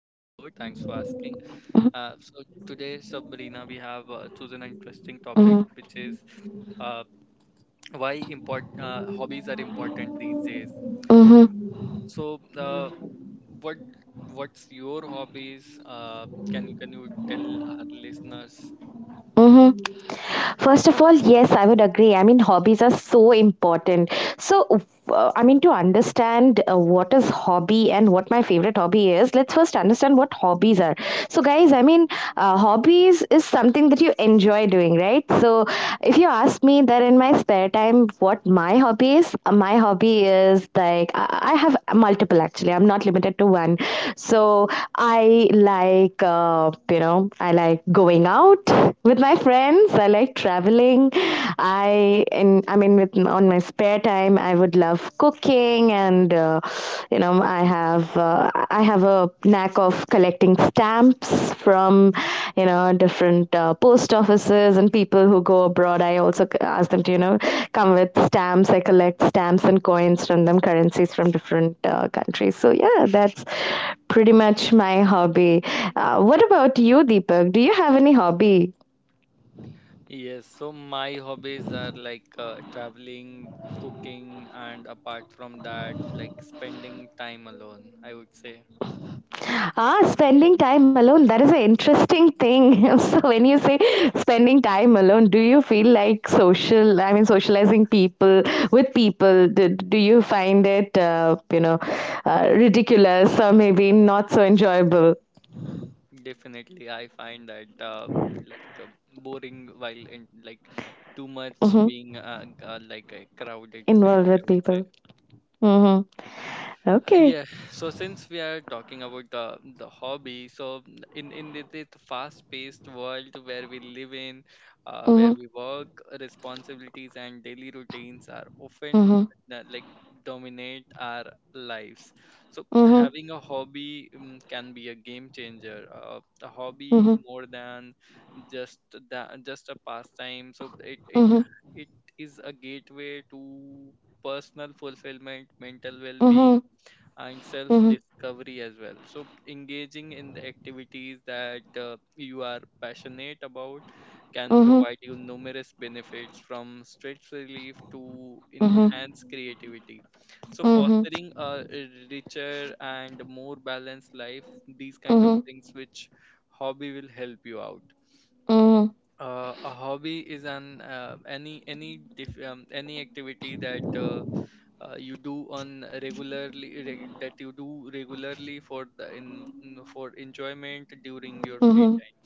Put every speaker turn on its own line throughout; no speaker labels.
Uh,
Mm-hmm,
so today Sabrina, we have chosen an interesting topic which is
mm-hmm,
uh, why import hobbies are important these days.
mm-hmm,
So, what what's your hobbies? Can you tell our listeners?
mm-hmm. First of all, yes, I would agree. I mean, hobbies are so important. So, I mean, to understand what is hobby and what my favorite hobby is, let's first understand what hobbies are. So, guys, I mean, hobbies is something that you enjoy doing, right? So, if you ask me that in my spare time, what my hobby is like I have multiple actually. I'm not limited to one. So, I like, you know, I like going out with my friends. I like traveling. I and I mean, with on my spare time, I would love cooking, and you know, I have a knack of collecting stamps from, you know, different post offices and people who go abroad. I also ask them to, you know, come with stamps. I collect stamps and coins from them, currencies from different countries. So yeah, that's pretty much my hobby. What about you, Deepak? Do you have any hobby?
Yes, so my hobbies are like traveling, cooking, and apart from that, like spending time alone, I would say.
Ah, spending time alone, that is an interesting thing. So, when you say spending time alone, do you feel like social, I mean, socializing people with people, do, do you find it, you know, ridiculous or maybe not so enjoyable?
Definitely, I find that like uh, boring while in like too much
Mm-hmm.
being like a crowded place,
Involved with
I would say.
people. Mm-hmm. Okay.
Yeah, so since we are talking about the hobby, so in the fast paced world where we live in,
Mm-hmm.
where we work, responsibilities and daily routines are often
Mm-hmm.
uh, like dominate our lives, so
Mm-hmm.
having a hobby can be a game changer. A hobby, more than just just a pastime, so it it
Mm-hmm.
it is a gateway to personal fulfillment, mental well-being,
Mm-hmm.
and self
Mm-hmm.
discovery as well. So, engaging in the activities that you are passionate about can
Mm-hmm.
provide you numerous benefits, from stress relief to
Mm-hmm.
enhance creativity. So,
Mm-hmm.
fostering a richer and more balanced life, these kind
Mm-hmm.
of
Mm-hmm.
things which hobby will help you out.
Mm-hmm.
A hobby is an any activity that you do on a that you do regularly for for enjoyment during your free
Mm-hmm.
time.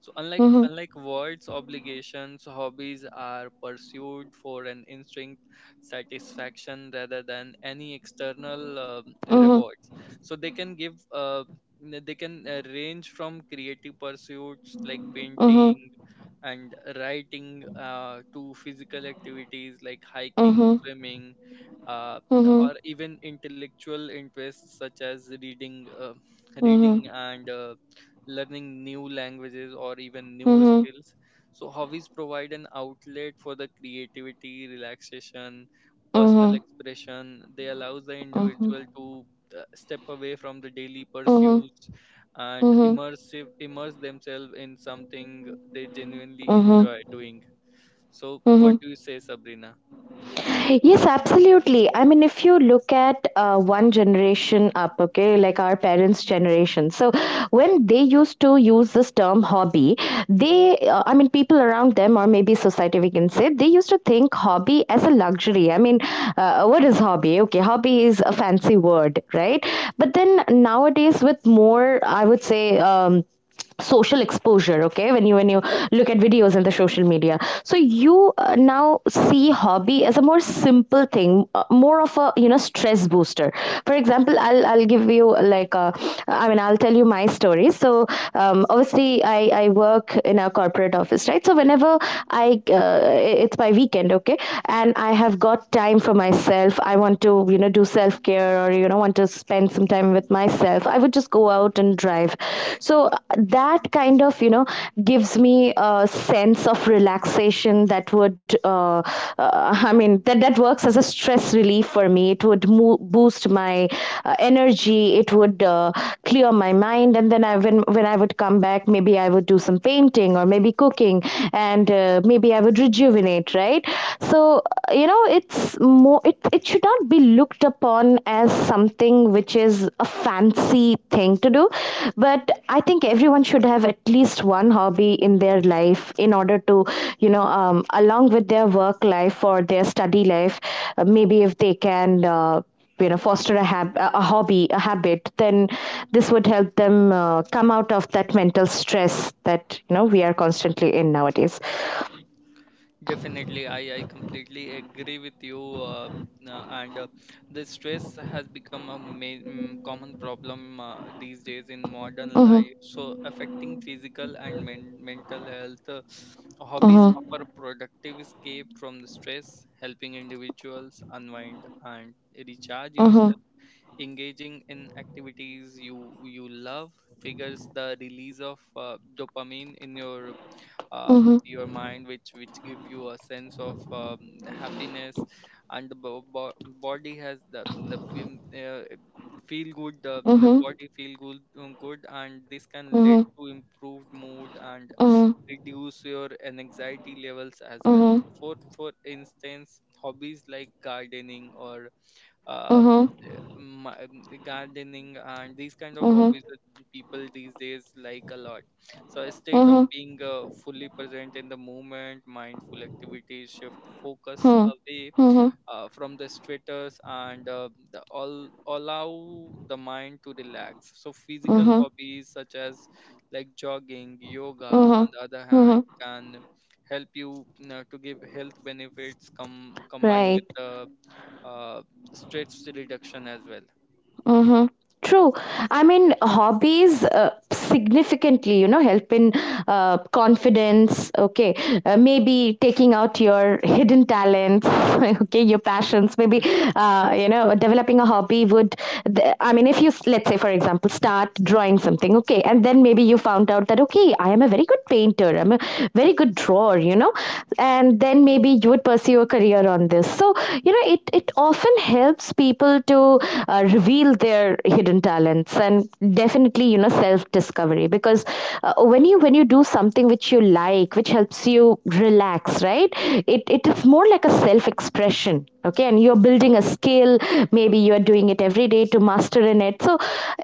So unlike
Mm-hmm.
unlike words obligations, hobbies are pursued for an instinct satisfaction rather than any external
Mm-hmm.
rewards. So they can give they can range from creative pursuits like
Mm-hmm.
painting and writing, to physical activities like hiking,
Mhm.
swimming,
Mhm.
or even intellectual interests such as reading,
Mhm.
reading and learning new languages or even new
Mhm.
skills. So hobbies provide an outlet for the creativity, relaxation, personal
Mhm.
expression. They allows the
Mhm.
individual to step away from the daily
Mhm.
pursuits and
Mhm.
immersive immerse themselves in something they genuinely
Mhm.
enjoy doing. So what
Mhm.
do you say, Sabrina?
Yes, absolutely. I mean, if you look at one generation up, okay, like our parents' generation. So, when they used to use this term hobby, I mean, people around them, or maybe society, we can say, they used to think hobby as a luxury. I mean, what is hobby? Okay, hobby is a fancy word, right? But then nowadays, with more, I would say, social exposure, okay, when you look at videos in the social media, so you, now see hobby as a more simple thing, more of a, you know, stress booster. For example, I'll give you like a, I mean, I'll tell you my story. So, obviously I work in a corporate office, right? So whenever I it's my weekend, okay, and I have got time for myself, I want to, you know, do self care, or, you know, want to spend some time with myself, I would just go out and drive. So that kind of, you know, gives me a sense of relaxation. That would I mean, that works as a stress relief for me. It would boost my energy, it would clear my mind, and then I, when I would come back, maybe I would do some painting or maybe cooking, and maybe I would rejuvenate, right? So, you know, it's more, it should not be looked upon as something which is a fancy thing to do. But I think everyone should have at least one hobby in their life in order to, you know, along with their work life or their study life, maybe if they can, you know, foster a, a hobby a habit then this would help them come out of that mental stress that, you know, we are constantly in nowadays.
Definitely, I completely agree with you. And The stress has become a common problem these days in modern
Mm-hmm,
life, so affecting physical and mental health. Hobbies
mm-hmm,
offer a productive escape from the stress, helping individuals unwind and recharge
mm-hmm,
yourself. Engaging in activities you love figures the release of dopamine in um,
mm-hmm,
your mind, which give you a sense of happiness, and the body has the fem- feel good the
mm-hmm.
body feel good good, and this can lead
Uh-huh.
to improved mood and
Uh-huh.
reduce your anxiety levels as well.
Uh-huh.
So for instance, hobbies like gardening, or uh,
Uh-huh.
my, gardening, and these kind of
Uh-huh.
hobbies that people these days like a lot. So a state of
Uh-huh.
being fully present in the moment, mindful activities shift focus
Huh.
away
Uh-huh.
from the status, and the, all allow the mind to relax. So
Uh-huh. Uh
physical
huh.
hobbies such as like jogging,
Uh
yoga, on
huh.
the other
Uh-huh.
hand, can help you, you know, to give health benefits, come combined with
Right.
the uh, stress reduction as well.
Mm-hmm. True. I mean, hobbies significantly, you know, help in confidence. Okay, maybe taking out your hidden talents. Okay, your passions. Maybe you know, developing a hobby would. I mean, if you let's say, for example, start drawing something. Okay, and then maybe you found out that okay, I am a very good painter. I'm a very good drawer. You know, and then maybe you would pursue a career on this. So, you know, it often helps people to reveal their hidden talents, and definitely, you know, self discovery. Because when you, when you do something which you like, which helps you relax, right, it is more like a self expression. Okay, and you're building a skill, maybe you're doing it every day to master in it. So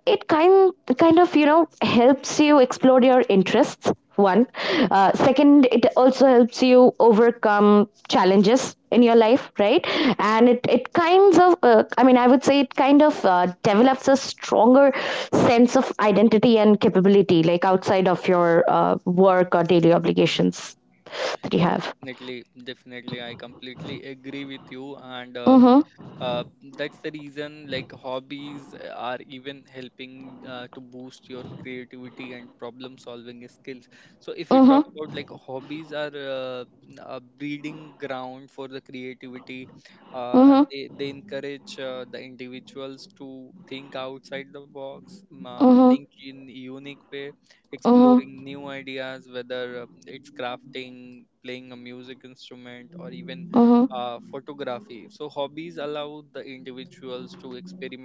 it kind of, you know, helps you explore your interests. One, second, it also helps you overcome challenges in your life, right? And it kinds of, I mean, I would say it kind of develops a stronger sense of identity and capability, like outside of your work or daily obligations that you have.
Definitely, definitely, I completely agree with you, and
Mm-hmm,
uh, that's the reason like hobbies are even helping to boost your creativity and problem solving skills. So if we talk
mm-hmm,
about like hobbies are a breeding ground for the creativity, uh, uh,
mm-hmm,
they they encourage the individuals to think outside the box,
mm-hmm,
think in unique way,
mm-hmm,
exploring new ideas, whether it's crafting, playing a music instrument, or even photography. So, hobbies allow the individuals to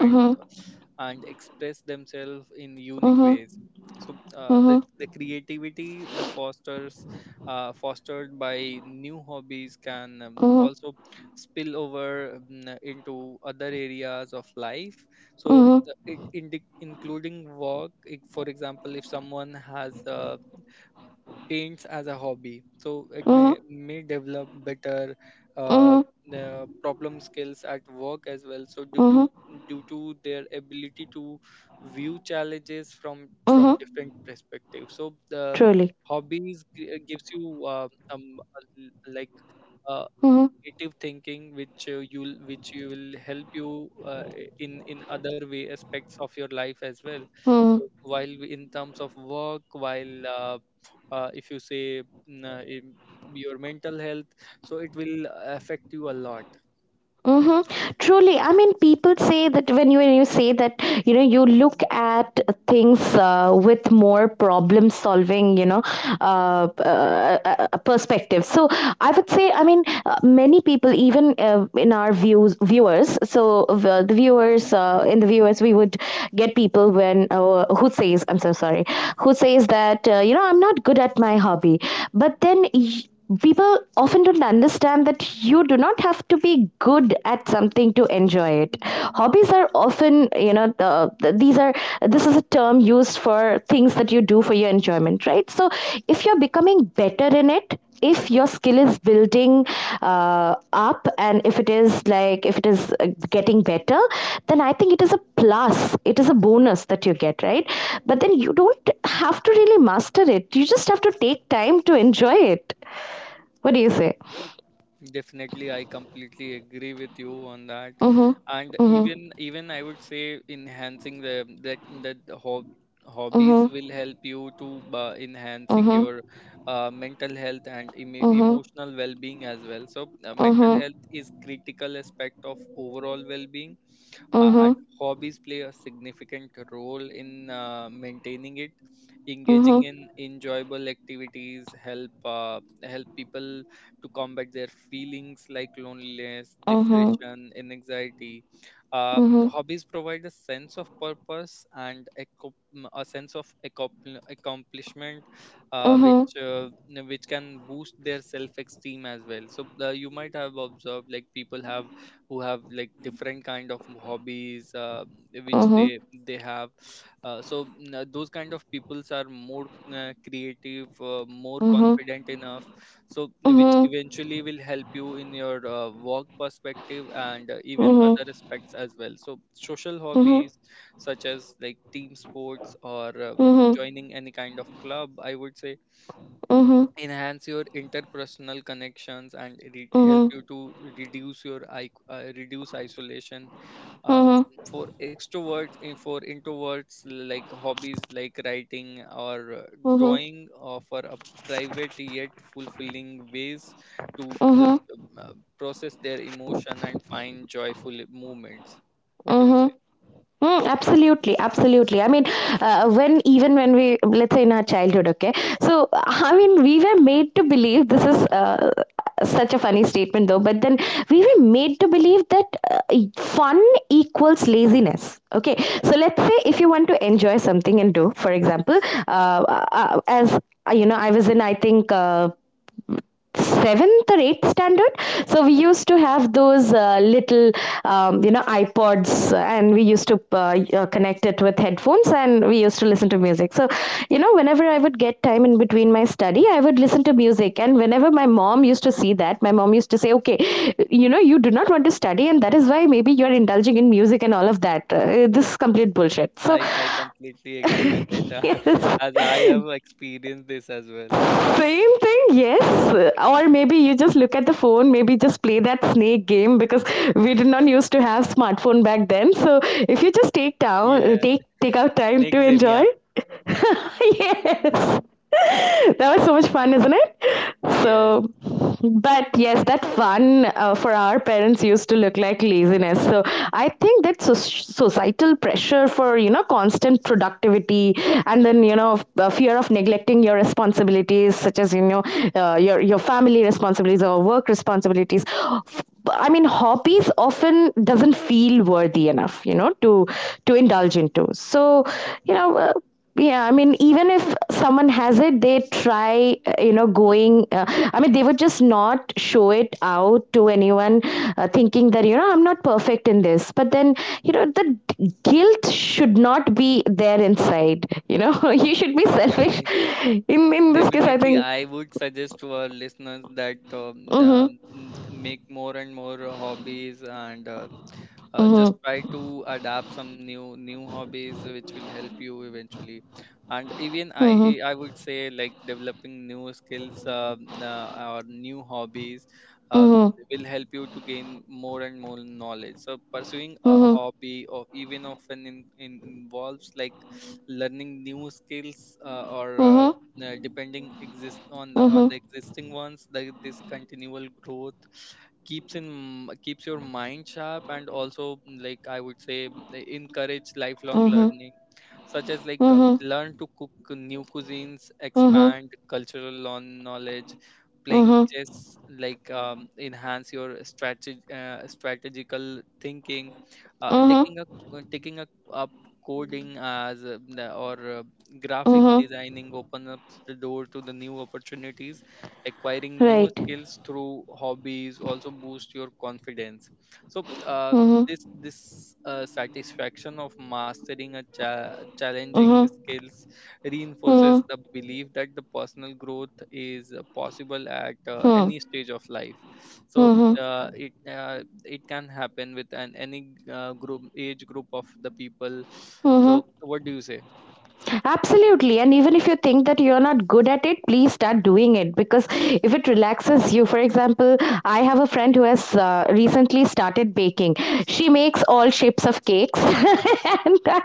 mm-hmm, mm-hmm,
and express themselves in unique
mm-hmm,
ways. So
mm-hmm,
the creativity the fosters fostered by new hobbies can
mm-hmm,
also spill over into other areas of life, so
mm-hmm,
including work for example, if someone has a paints as a hobby, so it
mm-hmm,
may develop better uh,
mm-hmm.
the problem skills at work as well, so
Mm-hmm.
due to their ability to view challenges from
Mm-hmm.
different perspectives. So the
Truly.
hobbies gives you um, a l- like uh,
Mm-hmm.
creative thinking which you which you will help you in other way aspects of your life as well.
Mm-hmm.
So while in terms of work, while if you say in your mental health, so it will affect you a lot.
Mhm. Truly, I mean, people say that when you, when you say that, you know, you look at things with more problem solving, you know, perspective. So I would say, I mean, many people, even in our views viewers. So the viewers, in the viewers, we would get people when, who says, I'm so sorry, who says that, you know, I'm not good at my hobby, but then. People often don't understand that you do not have to be good at something to enjoy it. Hobbies are often, you know, these are, this is a term used for things that you do for your enjoyment, right? So if you're becoming better in it, if your skill is building up, and if it is like, if it is getting better, then I think it is a plus, it is a bonus that you get, right? But then you don't have to really master it, you just have to take time to enjoy it. What do you say?
Definitely, I completely agree with you on that.
Mm-hmm.
And
Mm-hmm.
even I would say enhancing the that that the hob hobbies
Mm-hmm.
will help you to enhancing
Mm-hmm.
your mental health and emotional well-being as well. So
Mm-hmm.
mental
Mm-hmm.
health is critical aspect of overall well-being,
Mm-hmm.
and hobbies play a significant role in maintaining it. Engaging
Mm-hmm.
in enjoyable activities help help people to combat their feelings like loneliness, depression, and anxiety. uh,
Mm-hmm.
Hobbies provide a sense of purpose and a sense of accomplishment,
Mm-hmm.
which
Mm-hmm.
which can boost their self esteem as well. So you might have observed like people have who have like different kind of hobbies which they have. Those kind of peoples are more creative, more
Mm-hmm.
confident enough, so which
Mm-hmm.
eventually will help you in your work perspective, and even
Mm-hmm.
other
Mm-hmm.
aspects as well. So social
Mm-hmm.
hobbies such as like team sports, or
Mm-hmm.
joining any kind of club, I would say,
Mm-hmm.
enhance your interpersonal connections and help
Mm-hmm.
you to reduce your reduce isolation uh,
Mm-hmm.
for extroverts, and for introverts, like hobbies like writing or
Mm-hmm.
drawing offer a private yet fulfilling ways to just process their emotion and find joyful moments. What do you say?
Mm-hmm. Mm, absolutely, absolutely. I mean, when even when we, let's say, in our childhood, okay. So I mean, we were made to believe this is such a funny statement, though. But then we were made to believe that fun equals laziness. Okay, so let's say if you want to enjoy something and do, for example, as you know, I was in, I think, seventh or eighth standard. So we used to have those little, you know, iPods, and we used to connect it with headphones, and we used to listen to music. So, you know, whenever I would get time in between my study, I would listen to music, and whenever my mom used to see that, my mom used to say, okay, you know, you do not want to study, and that is why maybe you are indulging in music and all of that. This is complete bullshit. So
I completely agree with it
yes,
as I have experienced this as well.
same thing, yes. Or maybe you just look at the phone, maybe just play that snake game, because we did not used to have smartphone back then. So if you just take down,
Yeah,
take out time
next
to
Zen.
enjoy. Yes. That was so much fun, isn't it?
Yes,
So, but yes, that fun, for our parents, used to look like laziness. So I think that societal pressure for, you know, constant productivity, and then, you know, the fear of neglecting your responsibilities, such as, you know, your family responsibilities or work responsibilities. I mean, hobbies often doesn't feel worthy enough, you know, to indulge into. So, you know,
definitely,
yeah, I mean, even if someone has it, they try, you know, going. I mean, they would just not show it out to anyone, thinking that, you know, I'm not perfect in this. But then, you know, the guilt should not be there inside. You know, you should be selfish.
definitely.
In this case, I
Definitely,
think.
I would suggest to our listeners that
Mm
make more and more hobbies, and
hmm.
just
Mm
try to adapt some new hobbies which will help you eventually. And even I
hmm.
I
Mm
I would say like developing new skills, or new hobbies uh,
hmm.
will help you to gain more and more knowledge. So pursuing a
Mm
hobby, or even often in involves like learning new skills, or
hmm.
depending exist on the
Mm
on the
hmm.
existing ones. Like this continual growth keeps in keeps your mind sharp, and also like I would say they encourage lifelong
Mm hmm.
learning, such as like
Mm hmm.
learn to cook new cuisines,
Mm hmm.
expand cultural knowledge,
Mm
playing
hmm.
chess like enhance your strategy, strategical thinking, uh,
Mm
taking a
hmm.
taking a, up coding, as the- or graphic
Mm
designing, open up the door to the new opportunities. Acquiring
hmm.
new
Right.
skills through hobbies also boost your confidence. So
Mm
this this satisfaction of mastering a challenging
hmm.
skills reinforces
Hmm.
the belief that the personal growth is possible at
Hmm.
any stage of life. So
Hmm. Hmm.
it can happen with an any group age group of the people.
Hmm,
So
hmm.
what do you say?
Absolutely. And even if you think that you're not good at it, please start doing it, because if it relaxes you. For example, I have a friend who has recently started baking. She makes all shapes of cakes. And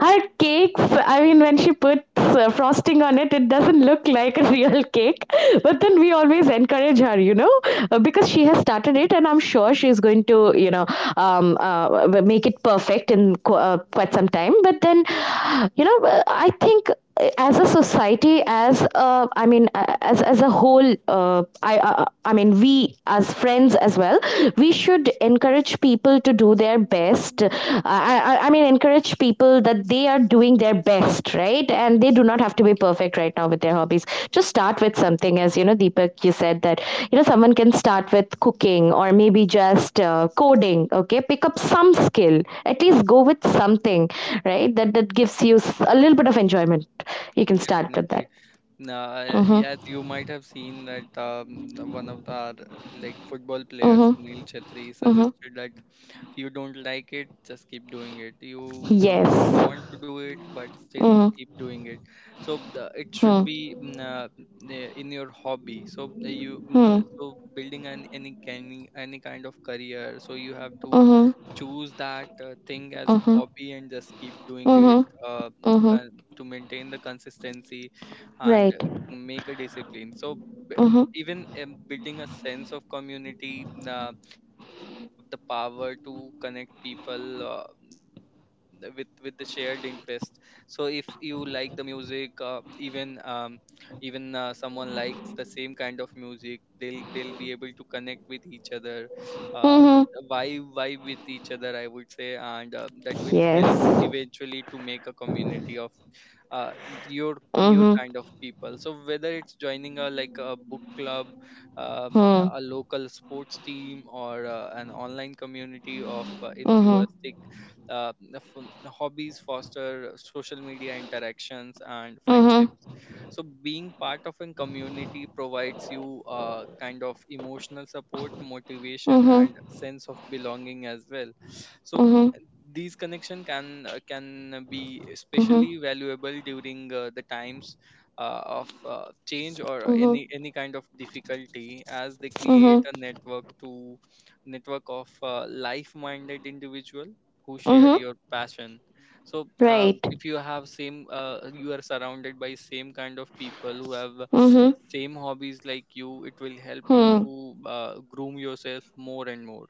her cakes, I mean, when she puts frosting on it, it doesn't look like a real cake. But then we always encourage her, you know, because she has started it, and I'm sure she's going to, you know, make it perfect in quite some time. But then, I think as a society, as a whole, we as friends as well, we should encourage people to do their best. Encourage people that they are doing their best, right? And they do not have to be perfect right now with their hobbies. Just start with something. As you know, Deepak, you said that, you know, someone can start with cooking or maybe just coding, okay? Pick up some skill, at least go with something, right? That gives you a little bit of enjoyment. You can start with
Definitely.
that. Mm hmm.
Yes, you might have seen that one of our like football
Mm
players
hmm.
Neil Chetri
Mm hmm.
suggested that you don't like it, just keep doing it. You don't
Yes.
want to do it, but
Mm
still keep
hmm.
doing it. So it should
Hmm.
be in your hobby. So
Hmm. Mm
so building an any kind of career, so you have to
hmm.
choose that thing as
Mm
a
hmm. Mm
hobby and just keep doing it,
hmm.
uh,
Mm hmm.
to maintain the consistency and
Right.
make a discipline. So b- m-
Mm-hmm.
even building a sense of community, hobbies have the power to connect people with the shared interest. So if you like the music, even even someone likes the same kind of music, they'll be able to connect with each other, uh,
Mhm.
vibe with each other, I would say, and that will help
Yes.
eventually to make a community of uh, your
Mhm.
kind of people. So whether it's joining a like a book club,
Mhm.
a local sports team, or an online community of
Mhm.
enthusiastic hobbies foster social media interactions and
Mhm.
friendships. So being part of a community provides you a kind of emotional support, motivation,
Mhm.
and sense of belonging as well. So
Mhm.
these connection can be especially
Mhm.
valuable during the times of change, or
Mhm.
any kind of difficulty, as they create
Mhm.
a network to network of life-minded individual who share
Mhm.
your passion. So
Right.
if you have same you are surrounded by same kind of people who have
Mhm.
same hobbies like you. It will help you
Hmm.
to groom yourself more and more.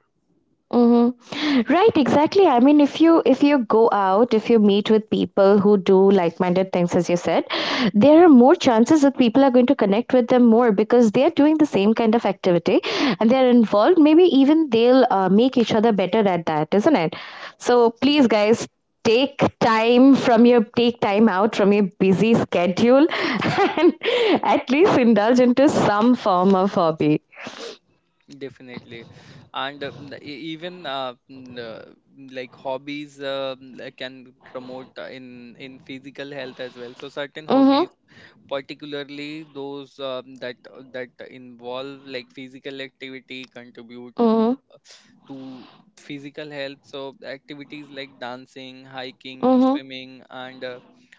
Mm-hmm. Right, exactly. I mean, if you go out, if you meet with people who do like-minded things, as you said, there are more chances that people are going to connect with them more because they are doing the same kind of activity and they are involved. Maybe even they'll make each other better at that, isn't it? So please, guys,
Definitely.
take time out from your busy schedule and at least indulge into some form of hobby.
Definitely, and the- e- even mm, mm, like hobbies, like, can promote in physical health as well. So certain hobbies,
Mm-hmm.
particularly those that that involve like physical activity, contribute
Mm-hmm.
to physical health. So activities like dancing, hiking,
Mm-hmm.
swimming and uh,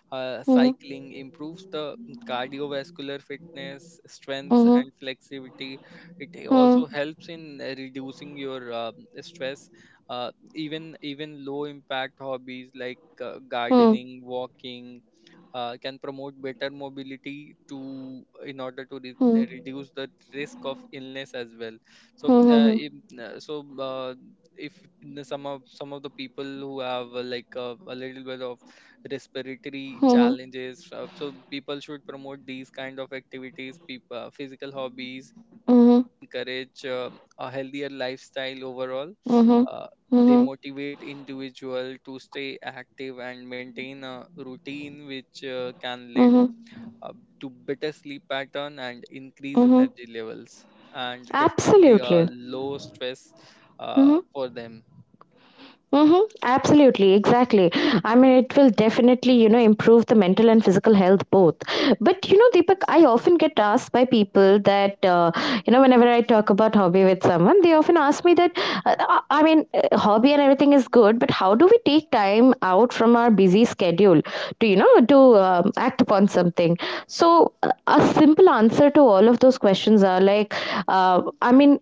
uh,
Mm-hmm.
cycling improves the cardiovascular fitness, strength
Mm-hmm.
and flexibility. It
Hmm.
also helps in reducing your stress. Even low impact hobbies like
Hmm.
gardening, walking can promote better mobility to in order to
Hmm.
reduce the risk of illness as well. so
Hmm.
uh,
Hmm.
if, uh, so uh, if some of the people who have a little bit of respiratory
Hmm.
challenges, so people should promote these kind of activities. People, physical hobbies
Hmm.
also encourage a healthier lifestyle overall.
Hmm.
Uh, they
Hmm.
motivate individual to stay active and maintain a routine which can lead
Hmm.
uh, to better sleep pattern and increase
Hmm.
energy levels, and definitely a
Absolutely.
low stress
Hmm.
for them.
Mm-hmm. Absolutely, exactly. I mean, it will definitely, you know, improve the mental and physical health both. But, you know, Deepak, I often get asked by people that, whenever I talk about hobby with someone, they often ask me that, uh, I I mean, hobby and everything is good, but how do we take time out from our busy schedule to, you know, to act upon something? So, a simple answer to all of those questions are like, uh, I mean,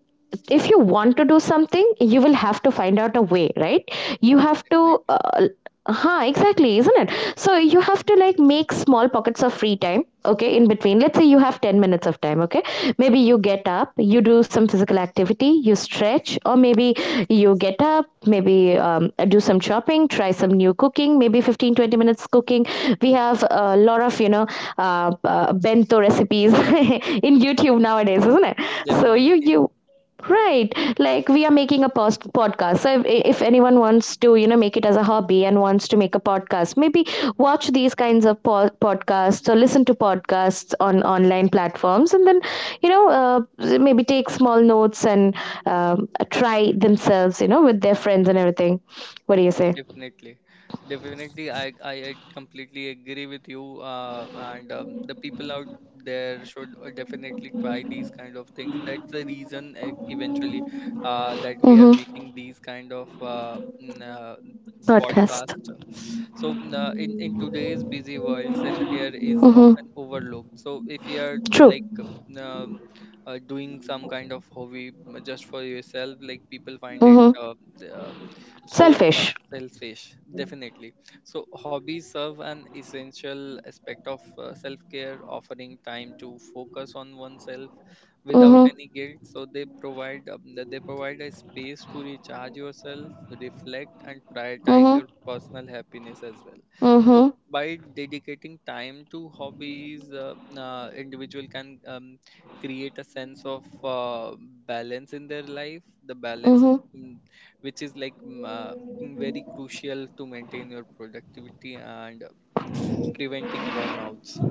if you want to do something, you will have to find out a way, right? You have
Definitely,
to huh, exactly, isn't it? So you have to like make small pockets of free time, okay, in between. Let's say you have 10 minutes of time, okay, maybe you get up, you do some physical activity, you stretch, or maybe you get up, maybe do some shopping, try some new cooking, maybe 15 to 20 minutes cooking. We have a lot of, you know, bento recipes in YouTube nowadays, isn't it? So you
definitely.
you Right. Like we are making a podcast. So if anyone wants to, you know, make it as a hobby and wants to make a podcast, maybe watch these kinds of podcasts or listen to podcasts on online platforms and then, you know, maybe take small notes and try themselves, you know, with their friends and everything. What do you say?
Definitely, definitely. I completely agree with you. And The people out there should definitely try these kind of things. That's the reason, eventually, that we are
Mm-hmm.
making these kind of
Podcast.
podcasts. So in today's busy world, self care is
Mm-hmm.
often overlooked. So if you are
True.
like doing some kind of hobby just for yourself, like, people find it.
Mm-hmm.
Uh, so uh,
Selfish.
Selfish, definitely. So hobbies serve an essential aspect of self-care, offering time to focus on oneself without
Mm-hmm.
any guilt. So they provide a space to recharge yourself, reflect and prioritize
Mm-hmm.
your personal happiness as well. So
Mm-hmm.
by dedicating time to hobbies, individual can create a sense of balance in their life. The balance is
Mm-hmm.
mm, which is like mm, very crucial to maintain your productivity and preventing burnouts.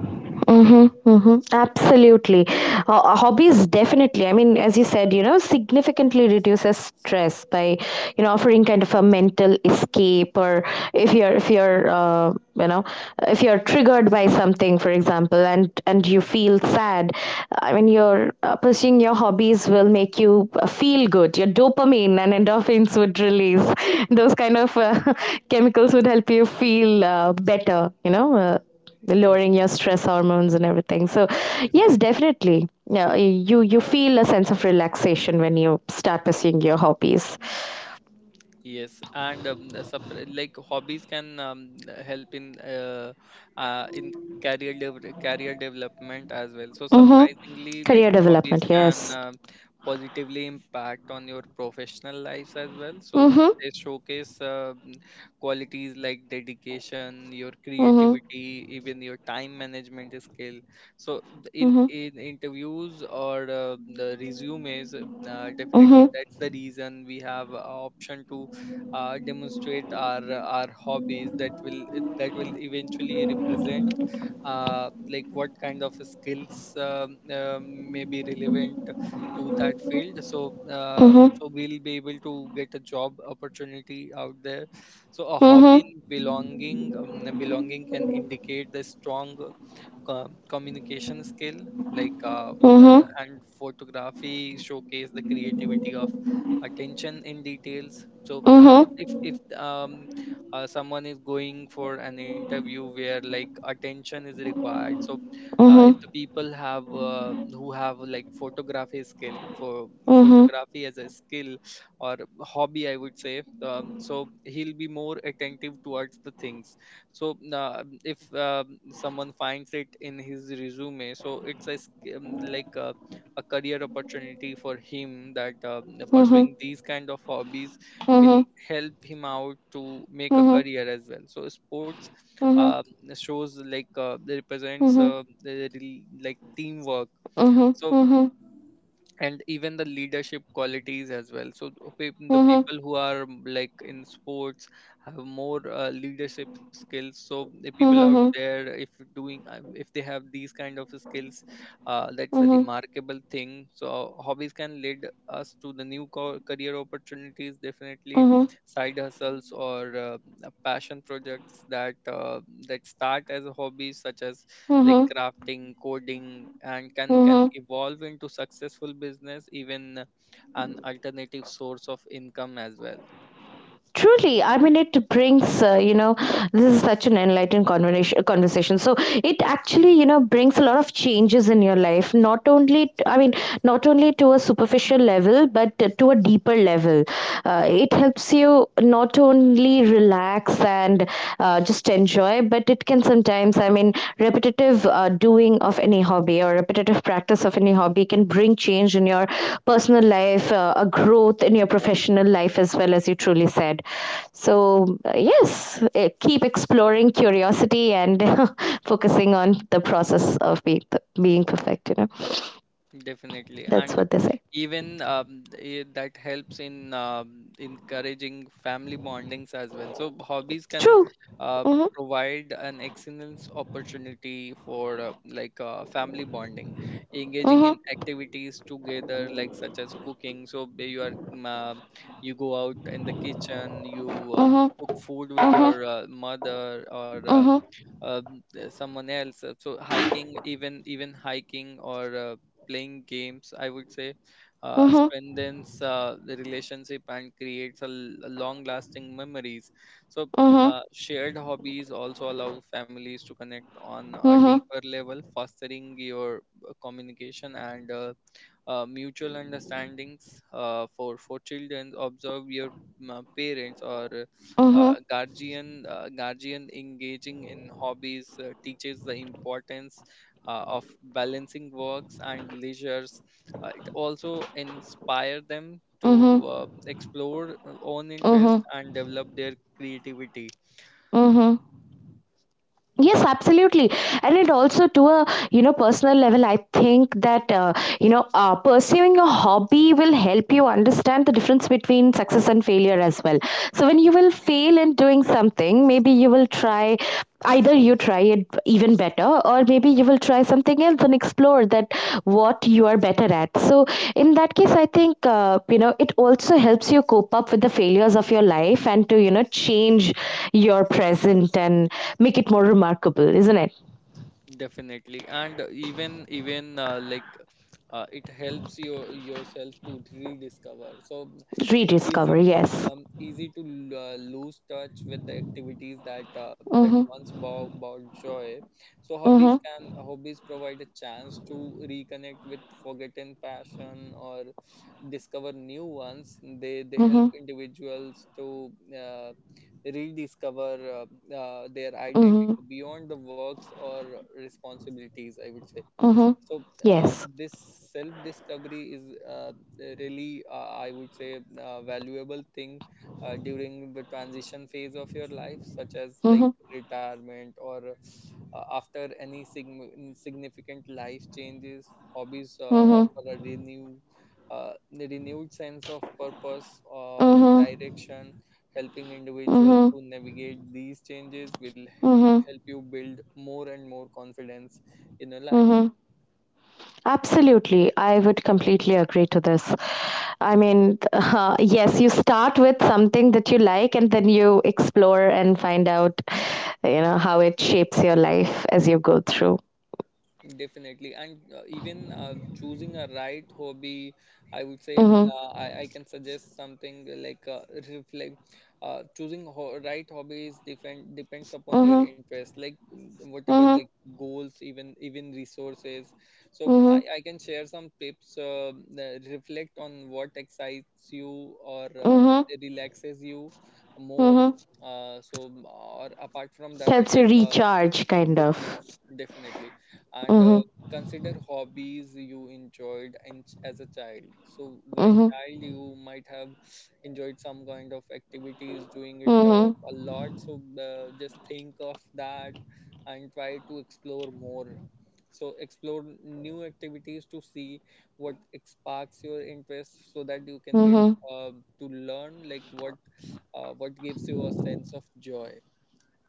Mm-hmm, mm-hmm. Absolutely. Hobbies definitely, I mean, as you said, you know, significantly reduces stress by, you know, offering kind of a mental escape. Or if you're, if you're, you know, if you're triggered by something, for example, and you feel sad, I mean, your pursuing your hobbies will make you feel good. Your dopamine and endorphins would release. Those kind of chemicals would help you feel better, you know.
Mhm.
Lowering your stress hormones and everything. So yes,
Definitely.
definitely, yeah, you feel a sense of relaxation when you start pursuing your hobbies.
Yes, like, hobbies can help in career development as well. So
Mm-hmm.
surprisingly, like,
Career
hobbies
development,
can
yes.
positively impact on your professional lives as well. So
mm-hmm.
they showcase qualities like dedication, your
Mm-hmm.
creativity, even your time management skill. So th- in
Mm-hmm.
in interviews or the resumes, definitely,
Mm-hmm.
that's the reason we have a option to demonstrate our hobbies, that will, that will eventually represent like what kind of skills may be relevant to that field. So
Mm-hmm.
so we'll be able to get a job opportunity out there. So a hobby
Mm-hmm.
in belonging, belonging can indicate the strong communication skill, like
Mm-hmm.
and photography showcase the creativity of, attention in details. So
Mm-hmm.
if someone is going for an interview where like attention is required. So uh,
Mm-hmm.
if the people have who have like photography skill, for
Mm-hmm.
photography as a skill or hobby, I would say. So he'll be more attentive towards the things. So if someone finds it in his resume, so it's a, like a career opportunity for him, that
Mm-hmm. Mm-hmm.
pursuing these kind of hobbies will
Mm-hmm.
help him out to make a career as well. So sports
Mm-hmm. Mm-hmm. Mm-hmm.
um shows like they represents
Mm-hmm.
like teamwork. So,
Mm-hmm.
and even the leadership qualities as well. So the
Mm-hmm.
people who are like in sports have more leadership skills. So the people out
Mm-hmm.
there, if doing if they have these kind of skills, that's a
Mm-hmm.
remarkable thing. So hobbies can lead us to the new career opportunities, definitely side hustles or passion projects that that start as a hobby, such as like
Mm-hmm.
crafting, coding, and can
Mm-hmm.
evolve into successful business, even an alternative source of income as well.
Truly, I mean, it brings, you know, this is such an enlightened conversation, so it actually, you know, brings a lot of changes in your life. Not only, I mean, not only to a superficial level, but to a deeper level. It helps you not only relax and just enjoy, but it can sometimes, I mean, repetitive doing of any hobby or repetitive practice of any hobby can bring change in your personal life, a growth in your professional life as well, as you truly said. So yes, keep exploring curiosity and focusing on the process of being perfect, you know,
Definitely,
that's
and
what they say.
even um, eh, that helps in encouraging family bondings as well. So hobbies can
True.
uh,
Mhm.
provide an excellent opportunity for family bonding, engaging in
Mhm.
activities together, like such as cooking. So you are you go out in the kitchen, you
Mhm.
cook food with
Mhm.
your mother or
Mhm.
someone else. So hiking, even hiking or playing games, I would say,
Mhm.
strengthens the relationship and creates a, long lasting memories. So
Mhm.
shared hobbies also allow families to connect on a
Mhm.
deeper level, fostering your communication and mutual understandings. For children observe your parents or
Mhm.
guardian engaging in hobbies teaches the importance of balancing works and leisures. It also inspire them to
Mhm.
explore own
Mhm.
interests and develop their creativity.
Mhm. Yes, absolutely. And it also to a, you know, personal level. I think that, you know, pursuing a hobby will help you understand the difference between success and failure as well. So when you will fail in doing something, maybe you will try, either you try it even better, or maybe you will try something else and explore that, what you are better at. So in that case, I think, you know, it also helps you cope up with the failures of your life and to, you know, change your present and make it more remarkable, isn't it?
Definitely, and even even like it helps your yourself to rediscover. So it's
Rediscover,
easy to
yes.
lose touch with the activities that that
Mhm.
once brought joy. So hobbies
Mhm.
can hobbies provide a chance to reconnect with forgotten passion or discover new ones. They help
Mhm.
individuals to uh, rediscover their
Mhm.
identity beyond the works or responsibilities, I would say.
Mhm.
So
Yes.
this self discovery is really I would say valuable thing during the transition phase of your life, such as
Mhm.
like retirement or after any significant life changes. Hobbies
Mhm.
offer a renew renewed sense of purpose or
Mhm.
direction, helping individuals
Mhm.
to navigate these changes, will
Mhm.
help you build more and more confidence in your life.
Mhm. Absolutely, I would completely agree to this. I mean, yes, you start with something that you like and then you explore and find out, you know, how it shapes your life as you go through.
Definitely, and even choosing a right hobby, I would say mm,
Mhm.
uh, I, I can suggest something like reflect. Choosing right hobbies depends upon your
Mhm.
interest, like whatever,
Mhm.
like goals, even resources. So mm,
Mhm.
I, I can share some tips. That reflect on what excites you or
Mhm.
relaxes you more.
Mhm.
Or apart from that,
Helps you recharge kind of.
Definitely, definitely. And
Mhm.
consider hobbies you enjoyed in, as a child. So while
Mhm.
child, you might have enjoyed some kind of activities, doing it
Mhm.
a lot. So just think of that and try to explore more. So explore new activities to see what sparks your interest, so that you can get
Mhm.
uh, to learn like what gives you a sense of joy.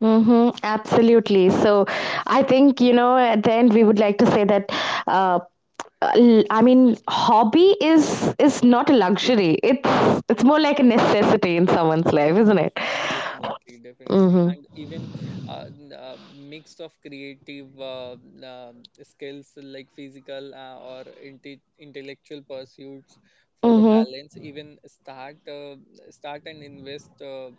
Mm-hmm, absolutely. So I think, you know, at the end we would like to say that uh, I mean, hobby is not a luxury. It's more like a necessity in someone's life, isn't it?
Definitely, definitely,
Mm-hmm.
and mix of creative skills, like physical or intellectual pursuits for the
Mm-hmm.
balance. Even start, start and invest.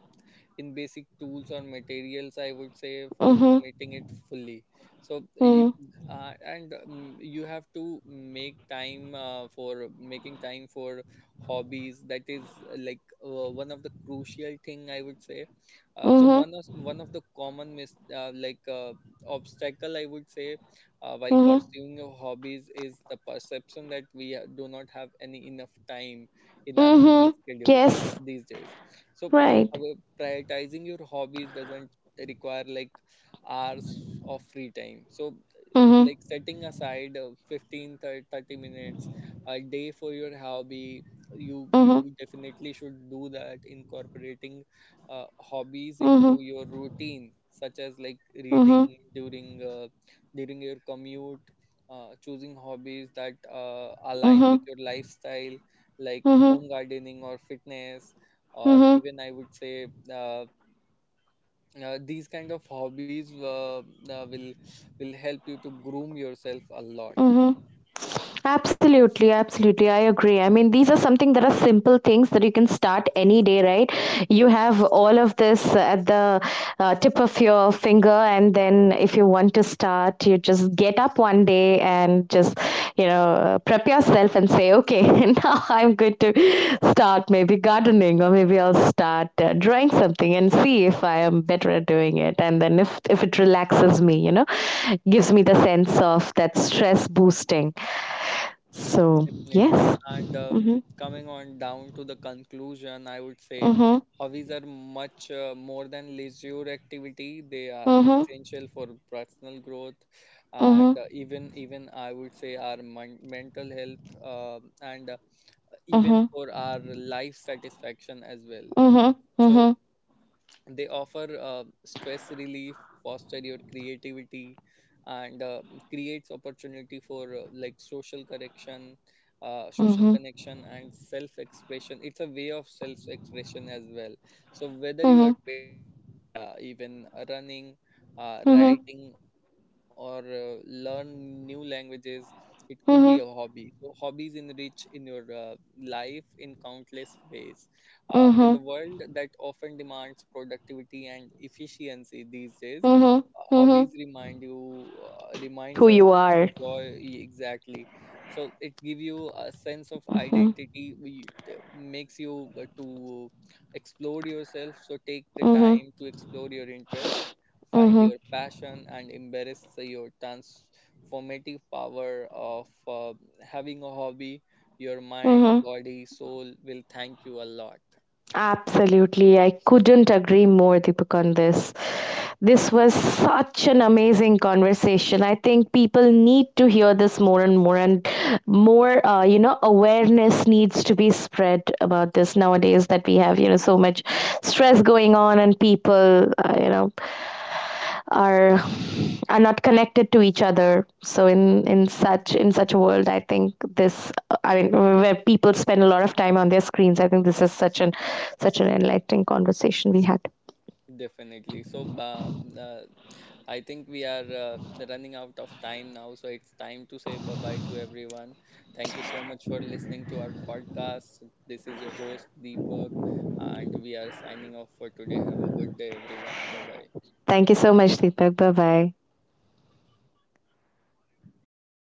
In basic tools or materials, I would say, for
Mm-hmm.
committing it fully. So, you,
Mm-hmm.
and you have to make time for making time for hobbies. That is one of the crucial thing, I would say. Uh, so
Mm-hmm.
one of one of the common mis like obstacle, I would say, while
Mm-hmm.
pursuing your hobbies is the perception that we do not have any enough time in our busy
Mm-hmm.
schedules
Yes.
these days. So
Right.
however, prioritizing your hobbies doesn't require like hours of free time. So,
Mm-hmm.
like setting aside 15 30 minutes a day for your hobby, you
Mm-hmm.
definitely should do that. Incorporating hobbies
Mm-hmm.
into your routine, such as like
Mm-hmm.
reading during your commute. Choosing hobbies that align
Mm-hmm.
with your lifestyle like
Mm-hmm.
home gardening or fitness, or
Mm-hmm.
even I would say these kind of hobbies will help you to groom yourself a lot.
Mm-hmm. Absolutely, absolutely. I agree. I mean, these are something that are simple things that you can start any day, right? You have all of this at the tip of your finger, and then if you want to start, you just get up one day and just, you know, prep yourself and say, okay, now I'm going to start maybe gardening, or maybe I'll start drawing something and see if I am better at doing it. And then if it relaxes me, you know, gives me the sense of that stress boosting. So
Definitely,
yes.
and
Mhm.
coming on down to the conclusion, I would say
Mhm.
hobbies are much more than leisure activity. They are
Mhm.
essential for personal growth and,
Mhm.
even I would say, our mental health and even
Mhm.
for our life satisfaction as well.
Mhm.
So they offer stress relief, foster your creativity and creates opportunity for like social correction, social
Mhm.
connection and self expression. It's a way of self expression as well. So whether you
Mhm.
are painting, even running,
Mhm.
writing or learn new languages, it could be a
Mhm.
hobby.
Mhm.
So hobbies enrich in your life in countless ways. In the
Mhm.
world that often demands productivity and efficiency these days,
Mhm.
hobbies
Mhm.
reminds
Who
us
you
the
are.
joy, exactly. So it give you a sense of
Mhm.
identity. We it makes you to explore yourself. So take the
Mhm.
time to explore your interest, find
Mhm.
your passion, and embrace your transformative power of having a hobby. Your mind,
Mhm.
body, soul will thank you a lot,
Absolutely. I couldn't agree more, Deepak, on this. This was such an amazing conversation. I think people need to hear this more and more, and more, you know, awareness needs to be spread about this nowadays, that we have, you know, so much stress going on, and people, you know, are not connected to each other. So in such a world, I think this, I mean, where people spend a lot of time on their screens, I think this is such an enlightening conversation we had.
definitely. So, uh, I think we are running out of time now, so it's time to say bye bye to everyone. Thank you so much for listening to our podcast. This is your host, Deepak, and we are signing off for today. Have a good day, everyone. Bye bye.
Thank you so much, Deepak. Bye bye.